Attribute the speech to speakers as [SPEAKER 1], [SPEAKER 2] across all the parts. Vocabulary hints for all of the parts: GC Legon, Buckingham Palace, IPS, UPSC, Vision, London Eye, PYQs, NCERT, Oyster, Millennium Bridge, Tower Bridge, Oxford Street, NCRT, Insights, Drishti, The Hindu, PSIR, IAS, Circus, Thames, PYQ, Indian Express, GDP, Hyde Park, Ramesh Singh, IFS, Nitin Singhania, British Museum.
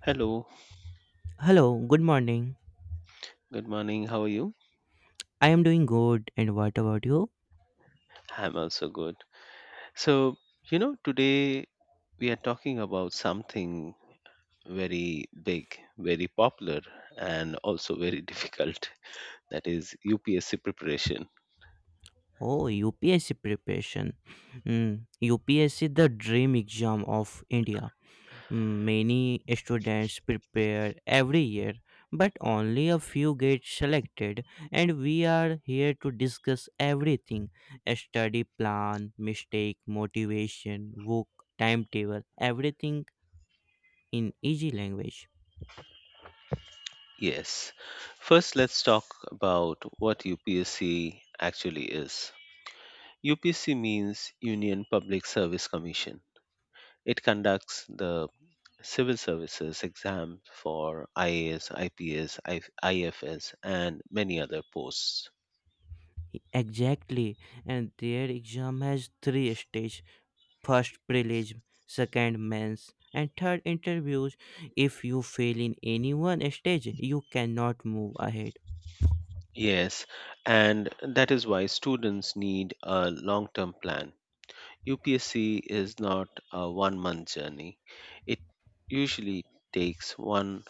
[SPEAKER 1] Hello,
[SPEAKER 2] Hello, good morning.
[SPEAKER 1] good morning. How are you?
[SPEAKER 2] I am doing good, and what about you?
[SPEAKER 1] I'm also good. So, today we are talking about something very big, very popular, and also very difficult that is UPSC preparation.
[SPEAKER 2] Oh, UPSC preparation. Mm, UPSC, the dream exam of India. Mm, many students prepare every year, but only a few get selected, and we are here to discuss everything a study plan, mistake, motivation, book, timetable, everything in easy language.
[SPEAKER 1] Yes. First, let's talk about what UPSC actually is. UPSC means Union Public Service Commission. It conducts the civil services exam for IAS, IPS, IFS, and many other posts.
[SPEAKER 2] Exactly, and their exam has three stages first prelim, second mains, and third interviews. If you fail in any one stage, you cannot move ahead.
[SPEAKER 1] Yes, and that is why students need a long term plan. UPSC is not a one month journey, it usually takes one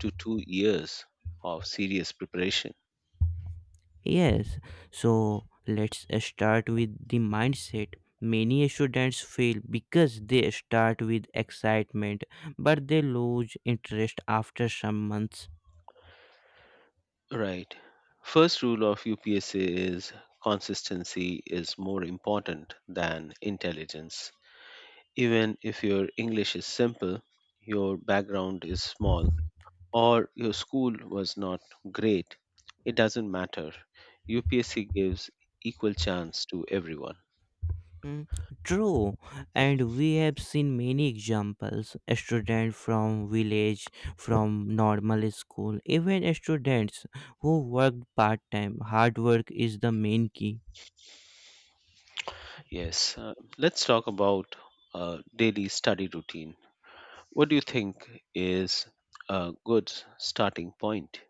[SPEAKER 1] to two years of serious preparation.
[SPEAKER 2] Yes, so let's start with the mindset. Many students fail because they start with excitement but they lose interest after some months.
[SPEAKER 1] Right. First rule of UPSC is consistency is more important than intelligence. Even if your English is simple, your background is small, or your school was not great, it doesn't matter. UPSC gives equal chance to everyone.
[SPEAKER 2] Mm, true, and we have seen many examples. A student from village, from normal school, even students who work part time. Hard work is the main key.
[SPEAKER 1] Yes, let's talk about daily study routine. What do you think is a good starting point?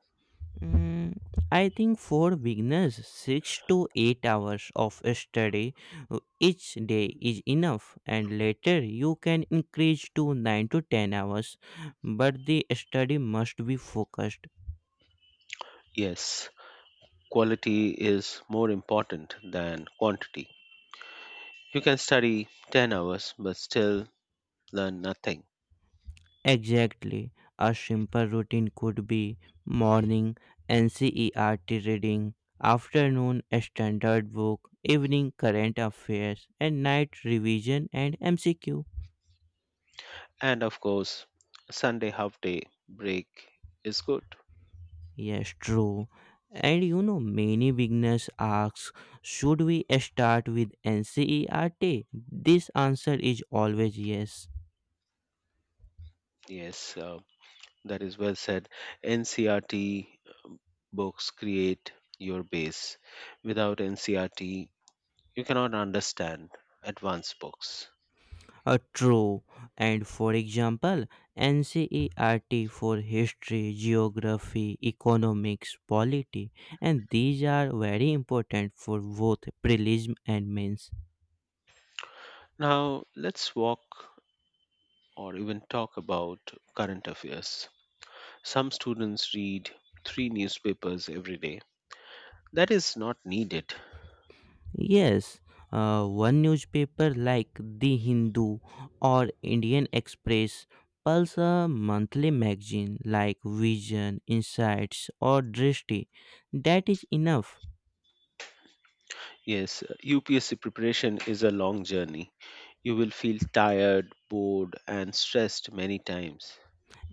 [SPEAKER 2] Mm, I think for beginners, 6 to 8 hours of study each day is enough, and later you can increase to 9 to 10 hours. But the study must be focused.
[SPEAKER 1] Yes, quality is more important than quantity. You can study 10 hours but still learn nothing.
[SPEAKER 2] Exactly. A simple routine could be morning NCERT reading, afternoon a standard book, evening current affairs, and night revision and MCQ.
[SPEAKER 1] And of course, Sunday half day break is good.
[SPEAKER 2] Yes, true. And you know, many beginners ask, should we start with NCERT? This answer is always yes.
[SPEAKER 1] Yes, that is well said. NCRT books create your base. Without NCRT, you cannot understand advanced books.
[SPEAKER 2] True. And for example, NCERT for history, geography, economics, polity, and these are very important for both prelim and mains.
[SPEAKER 1] Now, let's walk or even talk about current affairs. Some students read three newspapers every day. That is not needed.
[SPEAKER 2] Yes, one newspaper like The Hindu or Indian Express pulls a monthly magazine like Vision, Insights, or Drishti. That is enough.
[SPEAKER 1] Yes, UPSC preparation is a long journey. You will feel tired, bored, and stressed many times.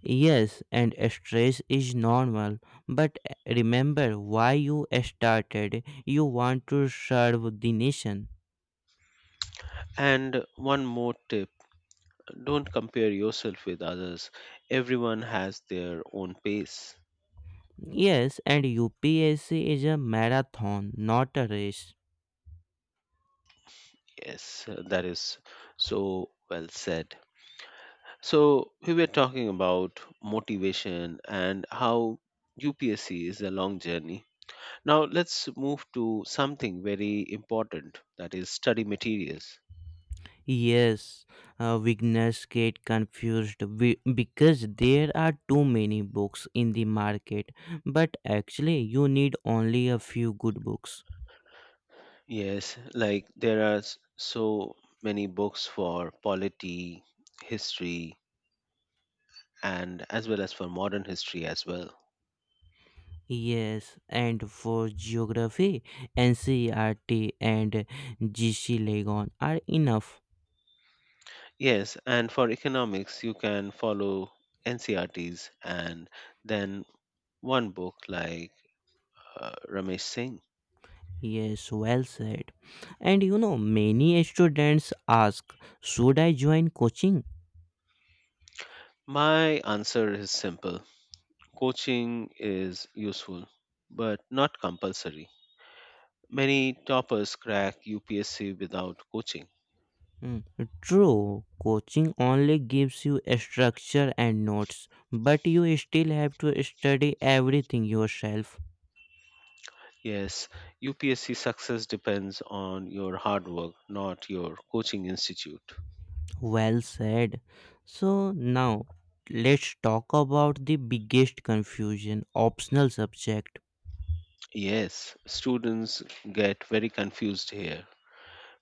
[SPEAKER 2] Yes, and stress is normal, but remember why you started. You want to serve the nation.
[SPEAKER 1] And one more tip don't compare yourself with others. Everyone has their own pace.
[SPEAKER 2] Yes, and UPSC is a marathon, not a race.
[SPEAKER 1] Yes, that is so well said. So, we were talking about motivation and how UPSC is a long journey. Now, let's move to something very important that is, study materials.
[SPEAKER 2] Yes, beginners get confused because there are too many books in the market, but actually, you need only a few good books.
[SPEAKER 1] Yes, like there are so many books for polity, history, and as well as for modern history as well.
[SPEAKER 2] Yes, and for geography, NCERT and GC Legon are enough.
[SPEAKER 1] Yes, and for economics, you can follow NCRTs and then one book like Ramesh Singh.
[SPEAKER 2] Yes, well said. And you know, many students ask, should I join coaching?
[SPEAKER 1] My answer is simple coaching is useful, but not compulsory. Many toppers crack UPSC without coaching.
[SPEAKER 2] Hmm, true, coaching only gives you a structure and notes, but you still have to study everything yourself.
[SPEAKER 1] Yes, UPSC success depends on your hard work, not your coaching institute.
[SPEAKER 2] Well said. So now, let's talk about the biggest confusion optional subject.
[SPEAKER 1] Yes, students get very confused here.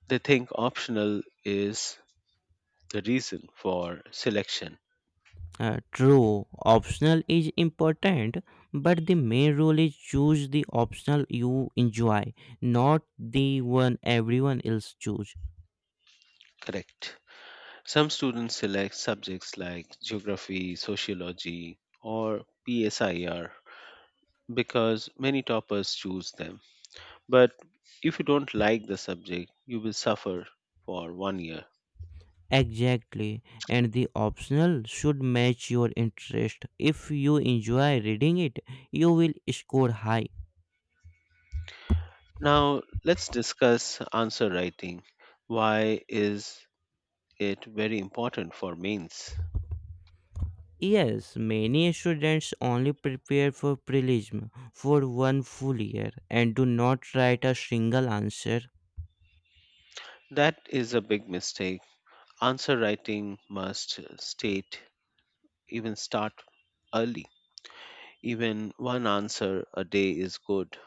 [SPEAKER 1] They think optional is the reason for selection.
[SPEAKER 2] True, optional is important, but the main rule is choose the optional you enjoy, not the one everyone else choose.
[SPEAKER 1] Correct. Some students select subjects like geography, sociology, or PSIR because many toppers choose them. But if you don't like the subject, you will suffer for one year.
[SPEAKER 2] Exactly, and the optional should match your interest. If you enjoy reading it, you will score high.
[SPEAKER 1] Now, let's discuss answer writing. Why is it very important for mains?
[SPEAKER 2] Yes, many students only prepare for prelim for one full year and do not write a single answer.
[SPEAKER 1] That is a big mistake. Answer writing must state, even start early. Even one answer a day is good.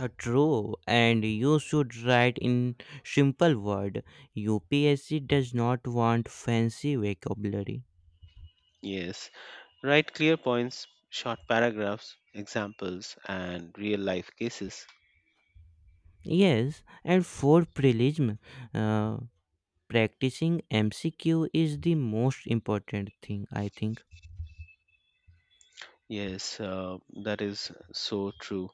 [SPEAKER 2] True, and you should write in simple word. UPSC does not want fancy vocabulary.
[SPEAKER 1] Yes, write clear points, short paragraphs, examples, and real life cases.
[SPEAKER 2] Yes, and for prelim, uh, practicing MCQ is the most important thing, I think.
[SPEAKER 1] Yes, that is so true.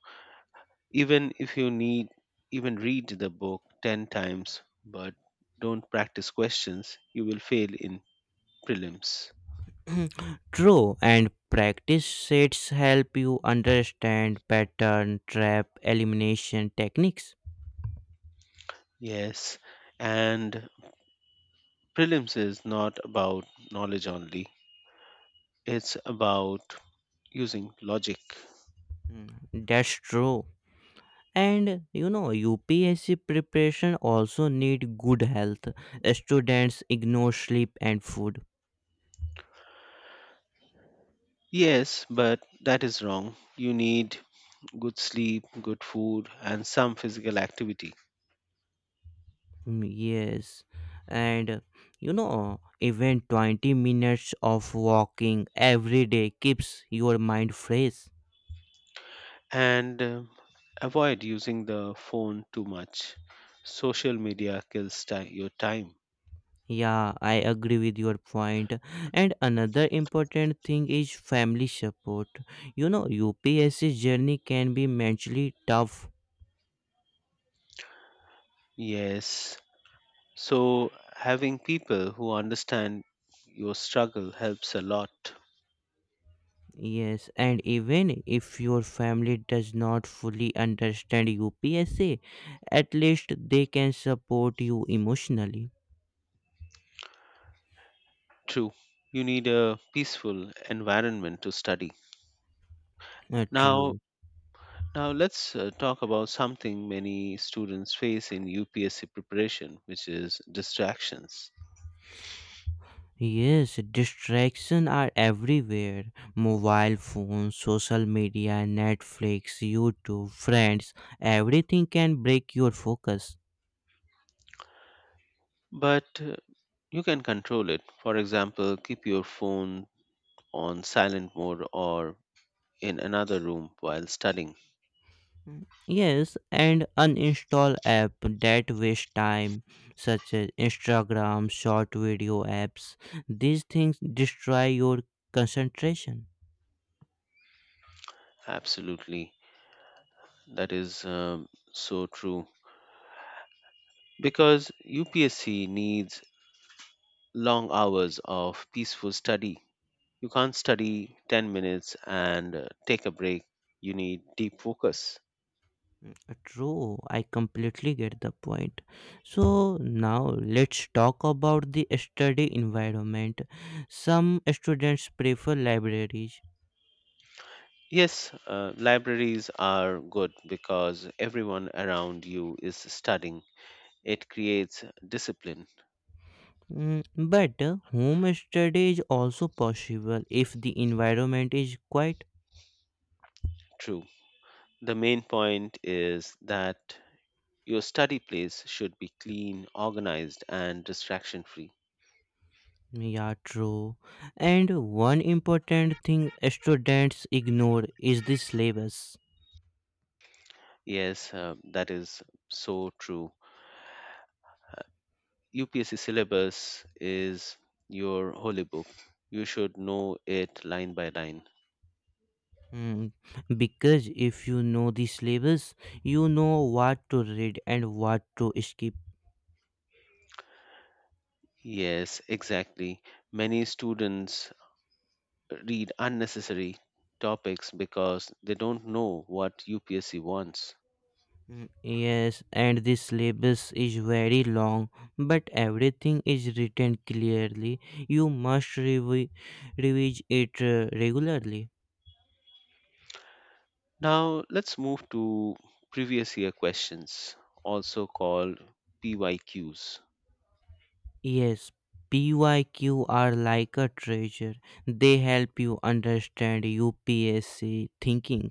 [SPEAKER 1] Even if you need even read the book 10 times but don't practice questions, you will fail in prelims.
[SPEAKER 2] True, and practice sets help you understand pattern, trap, elimination techniques.
[SPEAKER 1] Yes, and prelims is not about knowledge only, it's about using logic.
[SPEAKER 2] Mm, that's true. And you know, UPSC preparation also need good health. Students ignore sleep and food.
[SPEAKER 1] Yes, but that is wrong, you need good sleep, good food, and some physical activity.
[SPEAKER 2] Mm, yes, and you know, even 20 minutes of walking every day keeps your mind fresh.
[SPEAKER 1] And avoid using the phone too much. Social media kills your time.
[SPEAKER 2] Yeah, I agree with your point. And another important thing is family support. You know, UPSC journey can be mentally tough.
[SPEAKER 1] Yes. So, having people who understand your struggle helps a lot.
[SPEAKER 2] Yes, and even if your family does not fully understand UPSA, at least they can support you emotionally.
[SPEAKER 1] True. You need a peaceful environment to study. Now,
[SPEAKER 2] True.
[SPEAKER 1] now, let's talk about something many students face in UPSC preparation, which is distractions.
[SPEAKER 2] Yes, distractions are everywhere. Mobile phones, social media, Netflix, YouTube, friends, everything can break your focus.
[SPEAKER 1] But you can control it. For example, keep your phone on silent mode or in another room while studying.
[SPEAKER 2] Mm, yes, and uninstall app that waste time, such as Instagram, short video apps. These things destroy your concentration.
[SPEAKER 1] Absolutely. That is so true because UPSC needs long hours of peaceful study. You can't study 10 minutes and take a break. You need deep focus.
[SPEAKER 2] True, I completely get the point. So now let's talk about the study environment. Some students prefer libraries.
[SPEAKER 1] Yes, libraries are good because everyone around you is studying. It creates discipline.
[SPEAKER 2] Mm, but home study is also possible if the environment is quiet.
[SPEAKER 1] True. The main point is that your study place should be clean, organized, and distraction free.
[SPEAKER 2] Yeah, true. And one important thing students ignore is the syllabus.
[SPEAKER 1] Yes, that is so true. UPSC syllabus is your holy book. You should know it line by line.
[SPEAKER 2] Hmm, because if you know the syllabus, you know what to read and what to skip.
[SPEAKER 1] Yes, exactly. Many students read unnecessary topics because they don't know what UPSC wants.
[SPEAKER 2] Hmm, yes, and the syllabus is very long, but everything is written clearly. You must revise it regularly.
[SPEAKER 1] Now, let's move to previous year questions, also called PYQs.
[SPEAKER 2] Yes, PYQ are like a treasure. They help you understand UPSC thinking.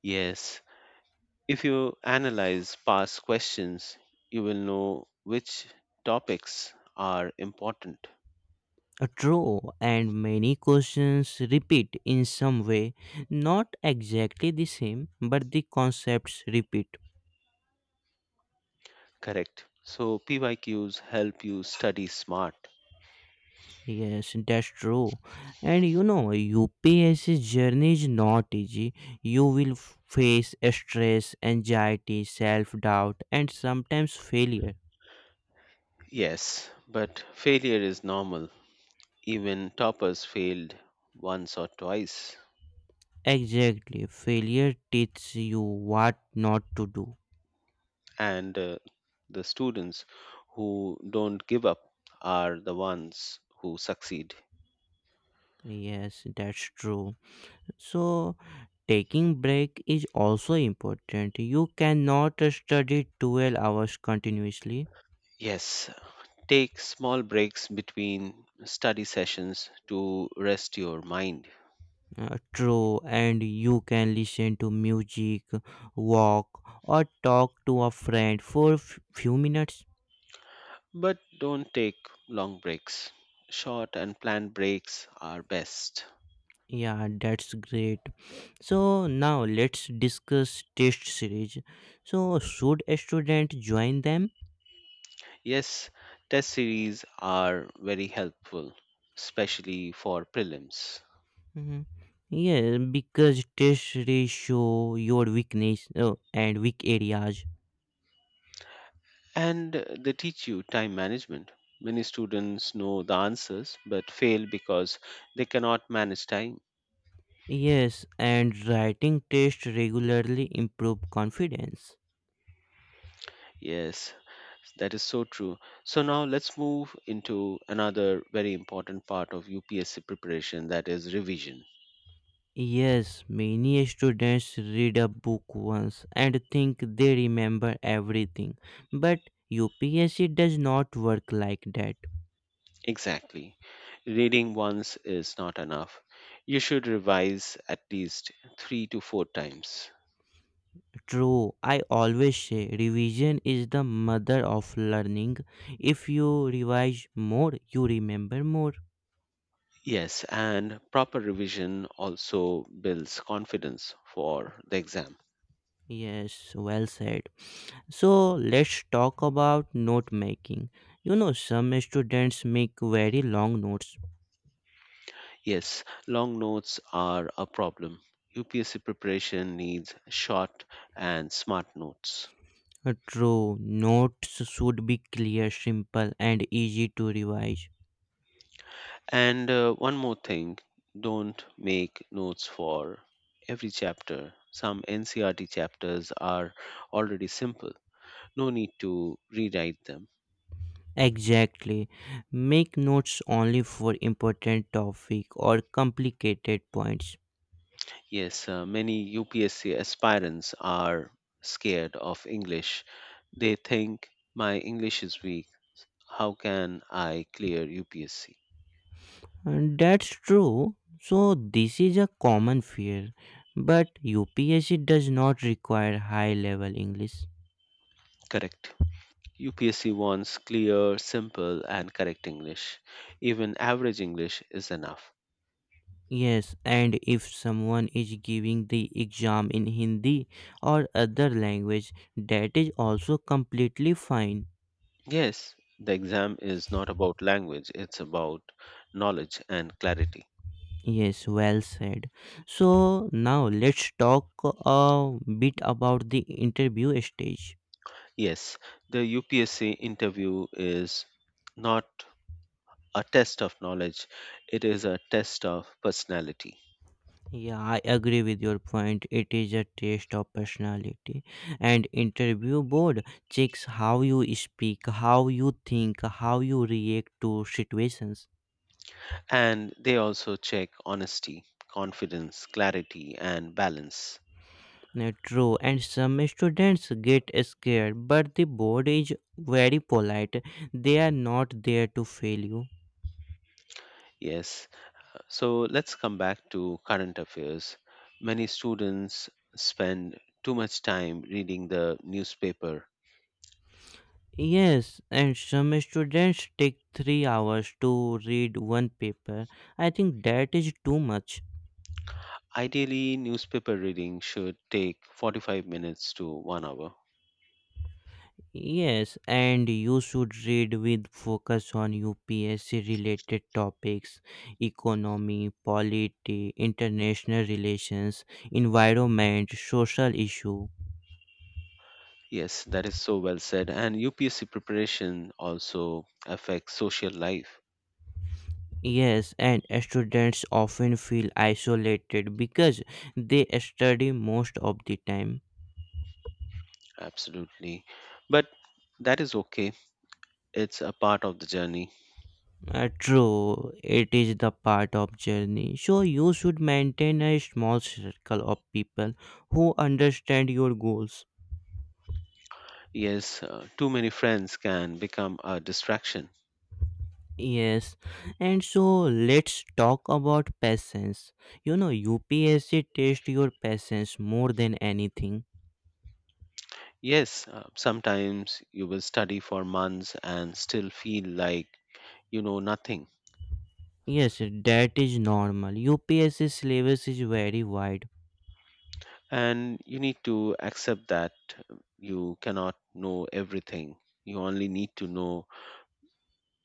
[SPEAKER 1] Yes, if you analyze past questions, you will know which topics are important.
[SPEAKER 2] A True, and many questions repeat in some way, not exactly the same, but the concepts repeat.
[SPEAKER 1] Correct. So PYQs help you study smart.
[SPEAKER 2] Yes, that's true. And you know, UPSC journey is not easy. You will face stress, anxiety, self doubt, and sometimes failure.
[SPEAKER 1] Yes, but failure is normal. Even toppers failed once or twice.
[SPEAKER 2] Exactly. Failure teaches you what not to do.
[SPEAKER 1] And the students who don't give up are the ones who succeed.
[SPEAKER 2] Yes, that's true. So, taking break is also important. You cannot study 12 hours continuously.
[SPEAKER 1] Yes, take small breaks between study sessions to rest your mind.
[SPEAKER 2] True, and you can listen to music, walk, or talk to a friend for few minutes.
[SPEAKER 1] But don't take long breaks. Short and planned breaks are best.
[SPEAKER 2] Yeah, that's great. So now let's discuss test series. So should a student join them?
[SPEAKER 1] Yes, test series are very helpful, especially for prelims.
[SPEAKER 2] Mhm. Yeah, because tests show your weakness and weak areas.
[SPEAKER 1] And they teach you time management. Many students know the answers but fail because they cannot manage time.
[SPEAKER 2] Yes, and writing tests regularly improve confidence.
[SPEAKER 1] Yes, that is so true. So now let's move into another very important part of UPSC preparation that is revision.
[SPEAKER 2] Yes, many students read a book once and think they remember everything, but UPSC does not work like that.
[SPEAKER 1] Exactly. Reading once is not enough. You should revise at least three to four times.
[SPEAKER 2] True, I always say revision is the mother of learning. If you revise more, you remember more.
[SPEAKER 1] Yes, and proper revision also builds confidence for the exam.
[SPEAKER 2] Yes, well said. So let's talk about note making. You know, some students make very long notes.
[SPEAKER 1] Yes, long notes are a problem. UPSC preparation needs short and smart notes.
[SPEAKER 2] True, notes should be clear, simple, and easy to revise.
[SPEAKER 1] And one more thing don't make notes for every chapter. Some NCRT chapters are already simple, no need to rewrite them.
[SPEAKER 2] Exactly. Make notes only for important topic or complicated points.
[SPEAKER 1] Yes, many UPSC aspirants are scared of English. They think my English is weak. How can I clear UPSC?
[SPEAKER 2] And that's true. So this is a common fear. But UPSC does not require high level English.
[SPEAKER 1] Correct. UPSC wants clear, simple, and correct English. Even average English is enough.
[SPEAKER 2] Yes, and if someone is giving the exam in Hindi or other language, that is also completely fine.
[SPEAKER 1] Yes, the exam is not about language, it's about knowledge and clarity.
[SPEAKER 2] Yes, well said. So now let's talk a bit about the interview stage.
[SPEAKER 1] Yes, the UPSC interview is not a test of knowledge, it is a test of personality.
[SPEAKER 2] Yeah, I agree with your point. It is a test of personality. And interview board checks how you speak, how you think, how you react to situations.
[SPEAKER 1] And they also check honesty, confidence, clarity, and balance.
[SPEAKER 2] No, true, and some students get scared, but the board is very polite. They are not there to fail you.
[SPEAKER 1] Yes, so let's come back to current affairs. Many students spend too much time reading the newspaper.
[SPEAKER 2] Yes, and some students take 3 hours to read one paper. I think that is too much.
[SPEAKER 1] Ideally, newspaper reading should take 45 minutes to one hour.
[SPEAKER 2] Yes, and you should read with focus on UPSC related topics, economy, polity, international relations, environment, social issue.
[SPEAKER 1] Yes, that is so well said. And UPSC preparation also affects social life.
[SPEAKER 2] Yes, and students often feel isolated because they study most of the time.
[SPEAKER 1] Absolutely. But that is okay. It's a part of the journey.
[SPEAKER 2] True, it is the part of journey. So you should maintain a small circle of people who understand your goals.
[SPEAKER 1] Yes, too many friends can become a distraction.
[SPEAKER 2] Yes, and so let's talk about patience. You know, UPSC tests your patience more than anything.
[SPEAKER 1] Yes, sometimes you will study for months and still feel like you know nothing.
[SPEAKER 2] Yes, that is normal. UPSC syllabus is very wide.
[SPEAKER 1] And you need to accept that you cannot know everything. You only need to know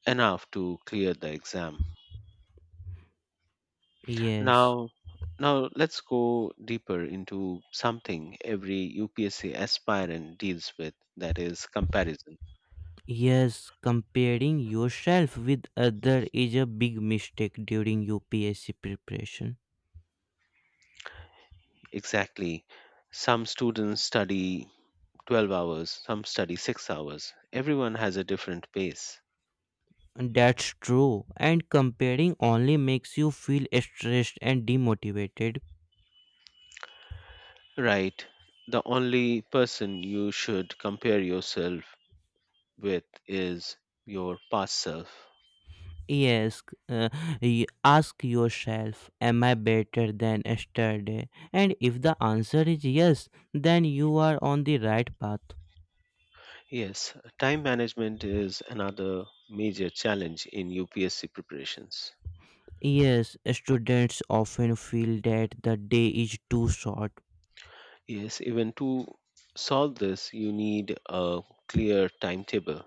[SPEAKER 1] enough to clear the exam.
[SPEAKER 2] Yes.
[SPEAKER 1] Now, now, let's go deeper into something every UPSC aspirant deals with that is comparison.
[SPEAKER 2] Yes, comparing yourself with other is a big mistake during UPSC preparation.
[SPEAKER 1] Exactly. Some students study 12 hours, some study 6 hours. Everyone has a different pace.
[SPEAKER 2] And that's true. And comparing only makes you feel stressed and demotivated.
[SPEAKER 1] Right. The only person you should compare yourself with is your past self.
[SPEAKER 2] Yes, uh, ask yourself, am I better than yesterday? And if the answer is yes, then you are on the right path.
[SPEAKER 1] Yes, time management is another major challenge in UPSC preparations.
[SPEAKER 2] Yes, students often feel that the day is too short
[SPEAKER 1] Yes, even to solve this, you need a clear timetable.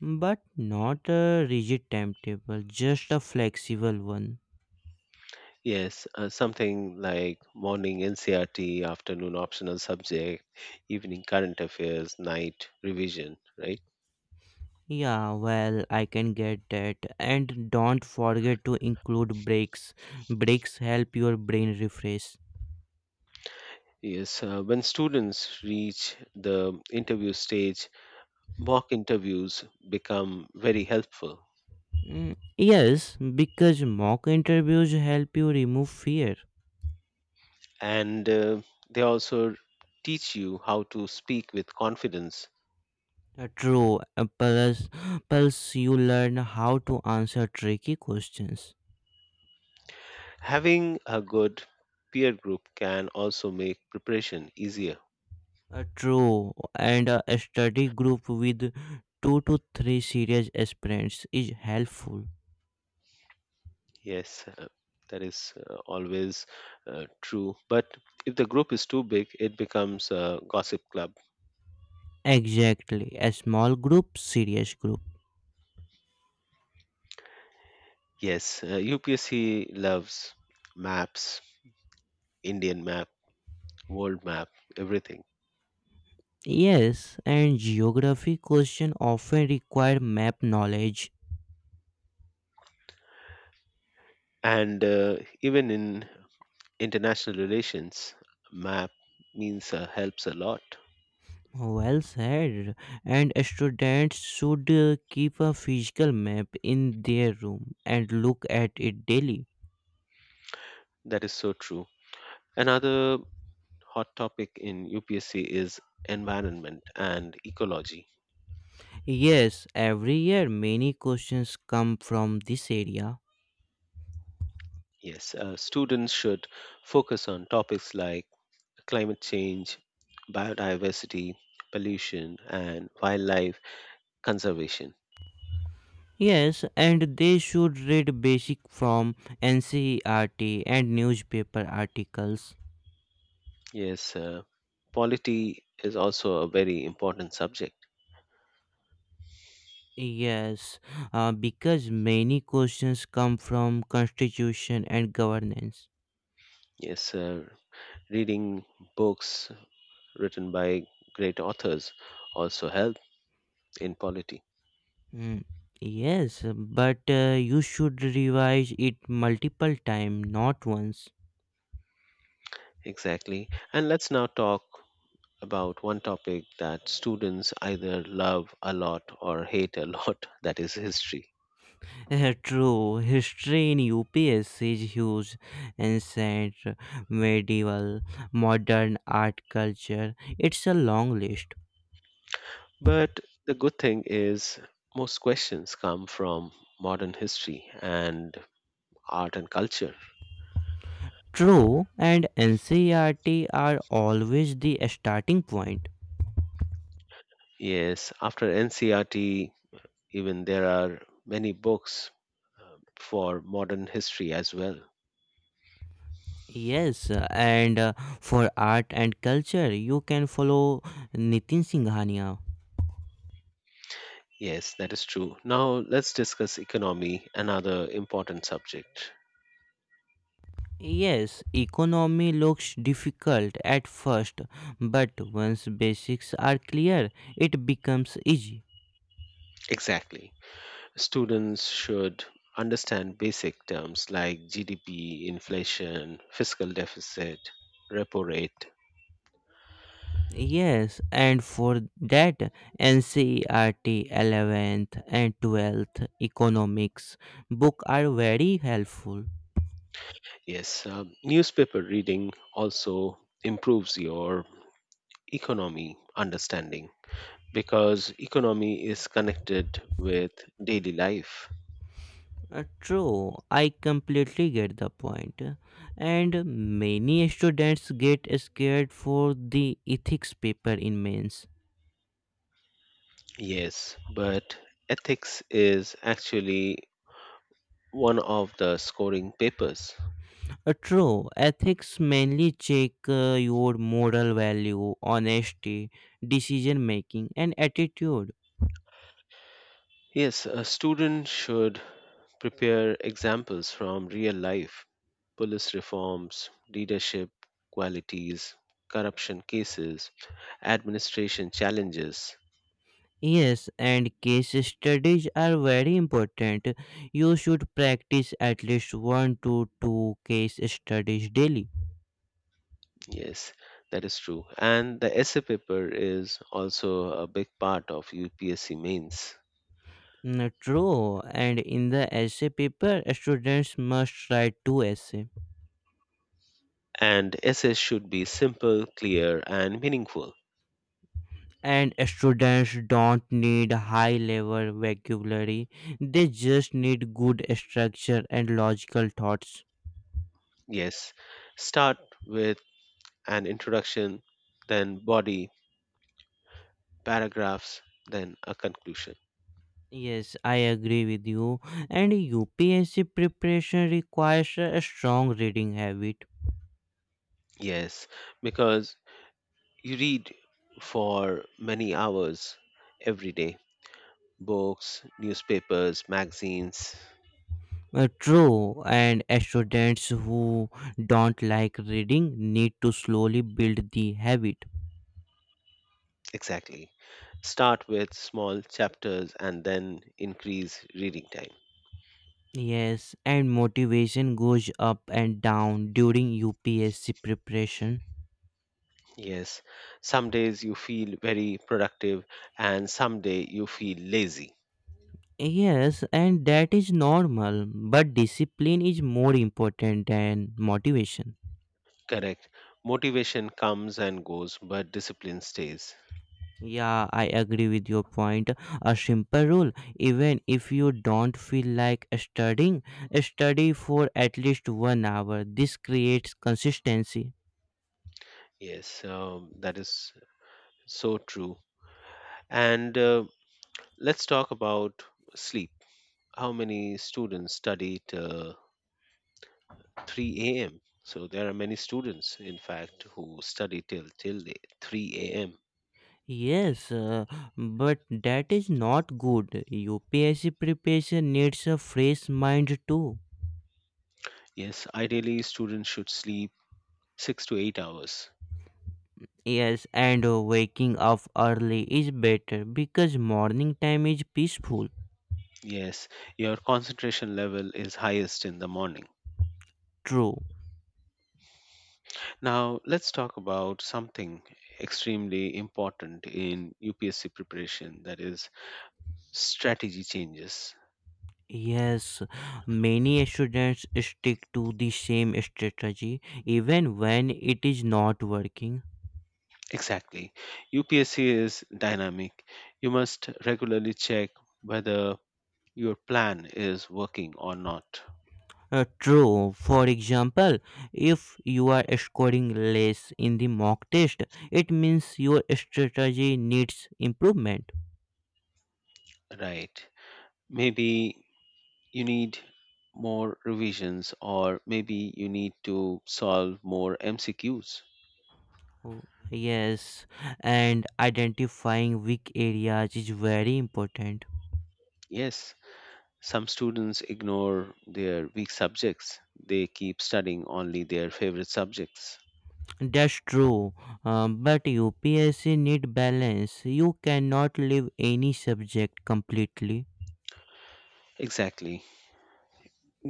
[SPEAKER 2] but not a rigid timetable, just a flexible one.
[SPEAKER 1] Yes, something like morning NCRT, afternoon optional subject, evening current affairs, night revision, right?
[SPEAKER 2] Yeah, well, I can get that. And don't forget to include breaks. Breaks help your brain refresh.
[SPEAKER 1] Yes, when students reach the interview stage, mock interviews become very helpful.
[SPEAKER 2] Mm, yes, because mock interviews help you remove fear.
[SPEAKER 1] And they also teach you how to speak with confidence.
[SPEAKER 2] True, plus you learn how to answer tricky questions.
[SPEAKER 1] Having a good peer group can also make preparation easier.
[SPEAKER 2] True, and a study group with two to three serious aspirants is helpful.
[SPEAKER 1] Yes, that is always true. But if the group is too big, it becomes a gossip club.
[SPEAKER 2] Exactly, a small group, serious group.
[SPEAKER 1] Yes, UPSC loves maps, Indian map, world map, everything.
[SPEAKER 2] Yes, and geography question often require map knowledge.
[SPEAKER 1] And even in international relations, map means helps a lot.
[SPEAKER 2] Well said. And students should keep a physical map in their room and look at it daily.
[SPEAKER 1] That is so true. Another hot topic in UPSC is environment and ecology.
[SPEAKER 2] Yes, every year many questions come from this area.
[SPEAKER 1] Yes, students should focus on topics like climate change, biodiversity, pollution, and wildlife conservation.
[SPEAKER 2] Yes, and they should read basic from NCERT and newspaper articles.
[SPEAKER 1] Yes, polity is also a very important subject.
[SPEAKER 2] Yes, because many questions come from constitution and governance.
[SPEAKER 1] Yes, reading books written by great authors also help in polity.
[SPEAKER 2] Mm, yes, but you should revise it multiple time, not once.
[SPEAKER 1] Exactly. And let's now talk about one topic that students either love a lot or hate a lot that is history.
[SPEAKER 2] True, history in UPSC is huge, ancient, medieval, modern art culture. It's a long list.
[SPEAKER 1] But the good thing is, most questions come from modern history and art and culture.
[SPEAKER 2] True, and NCERT are always the starting point.
[SPEAKER 1] Yes, after NCRT, even there are many books for modern history as well.
[SPEAKER 2] Yes, and for art and culture, you can follow Nitin Singhania.
[SPEAKER 1] Yes, that is true. Now let's discuss economy, another important subject.
[SPEAKER 2] Yes, economy looks difficult at first, but once basics are clear, it becomes easy.
[SPEAKER 1] Exactly. Students should understand basic terms like GDP, inflation, fiscal deficit, repo rate.
[SPEAKER 2] Yes, and for that, NCERT 11th and 12th economics book are very helpful.
[SPEAKER 1] Yes, newspaper reading also improves your economy understanding because economy is connected with daily life.
[SPEAKER 2] True, I completely get the point. And many students get scared for the ethics paper in mains.
[SPEAKER 1] Yes, but ethics is actually one of the scoring papers.
[SPEAKER 2] True, ethics mainly check your moral value, honesty, decision making, and attitude.
[SPEAKER 1] Yes, a student should prepare examples from real life police reforms, leadership qualities, corruption cases, administration challenges.
[SPEAKER 2] Yes, and case studies are very important. You should practice at least one to two case studies daily.
[SPEAKER 1] Yes, that is true. And the essay paper is also a big part of UPSC mains.
[SPEAKER 2] Mm, true, and in the essay paper, students must write two essays.
[SPEAKER 1] And essays should be simple, clear, and meaningful.
[SPEAKER 2] And students don't need high level vocabulary; they just need good structure and logical thoughts.
[SPEAKER 1] Yes, start with an introduction, then body, paragraphs, then a conclusion.
[SPEAKER 2] Yes, I agree with you. And UPSC preparation requires a strong reading habit.
[SPEAKER 1] Yes, because you read for many hours every day books, newspapers, magazines.
[SPEAKER 2] True, and students who don't like reading need to slowly build the habit.
[SPEAKER 1] Exactly. Start with small chapters and then increase reading time.
[SPEAKER 2] Yes, and motivation goes up and down during UPSC preparation.
[SPEAKER 1] Yes, some days you feel very productive and some day you feel lazy.
[SPEAKER 2] Yes, and that is normal, but discipline is more important than motivation.
[SPEAKER 1] Correct. Motivation comes and goes, but discipline stays.
[SPEAKER 2] Yeah, I agree with your point. A simple rule, even if you don't feel like studying, study for at least 1 hour. This creates consistency.
[SPEAKER 1] Yes, that is so true. And let's talk about sleep how many students study till 3 a.m. So there are many students, in fact, who study till the 3 a.m.
[SPEAKER 2] Yes, but that is not good. UPSC preparation needs a fresh mind too.
[SPEAKER 1] Yes, ideally students should sleep 6 to 8 hours.
[SPEAKER 2] Yes, and waking up early is better because morning time is peaceful.
[SPEAKER 1] Yes, your concentration level is highest in the morning.
[SPEAKER 2] True.
[SPEAKER 1] Now let's talk about something extremely important in UPSC preparation, that is strategy changes.
[SPEAKER 2] Yes, many students stick to the same strategy even when it is not working.
[SPEAKER 1] Exactly. UPSC is dynamic. You must regularly check whether your plan is working or not,
[SPEAKER 2] True. For example, if you are scoring less in the mock test, it means your strategy needs improvement.
[SPEAKER 1] right? Maybe you need more revisions, or maybe you need to solve more MCQs.
[SPEAKER 2] Oh, yes, and identifying weak areas is very important.
[SPEAKER 1] Yes, some students ignore their weak subjects, they keep studying only their favorite subjects.
[SPEAKER 2] That's true. But UPSC need balance. You cannot leave any subject completely.
[SPEAKER 1] Exactly.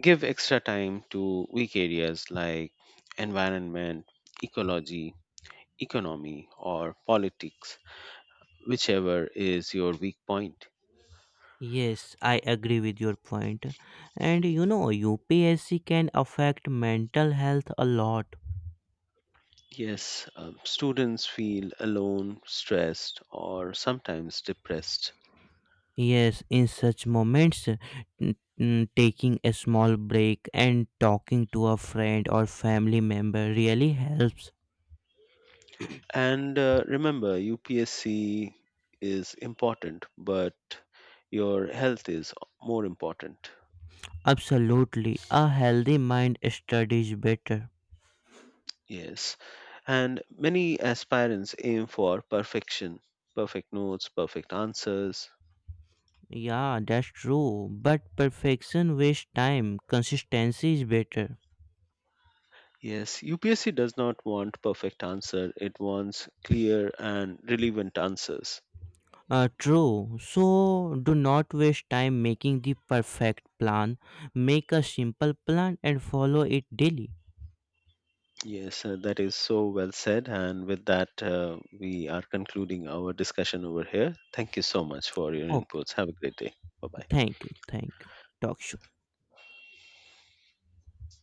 [SPEAKER 1] Give extra time to weak areas like environment, ecology, economy, or politics, whichever is your weak point.
[SPEAKER 2] Yes, I agree with your point. And you know, UPSC can affect mental health a lot.
[SPEAKER 1] Yes, students feel alone, stressed, or sometimes depressed.
[SPEAKER 2] Yes, in such moments, taking a small break and talking to a friend or family member really helps.
[SPEAKER 1] And remember, UPSC is important, but your health is more important.
[SPEAKER 2] Absolutely, a healthy mind studies better.
[SPEAKER 1] Yes. And many aspirants aim for perfection, perfect notes, perfect answers.
[SPEAKER 2] Yeah, that's true. But perfection wastes time, consistency is better.
[SPEAKER 1] Yes, UPSC does not want perfect answer. It wants clear and relevant answers.
[SPEAKER 2] True. So, do not waste time making the perfect plan. Make a simple plan and follow it daily.
[SPEAKER 1] Yes, that is so well said. And with that, we are concluding our discussion over here. Thank you so much for your
[SPEAKER 2] Okay,
[SPEAKER 1] inputs. Have a great day. Bye bye.
[SPEAKER 2] thank you, thank you. Talk soon.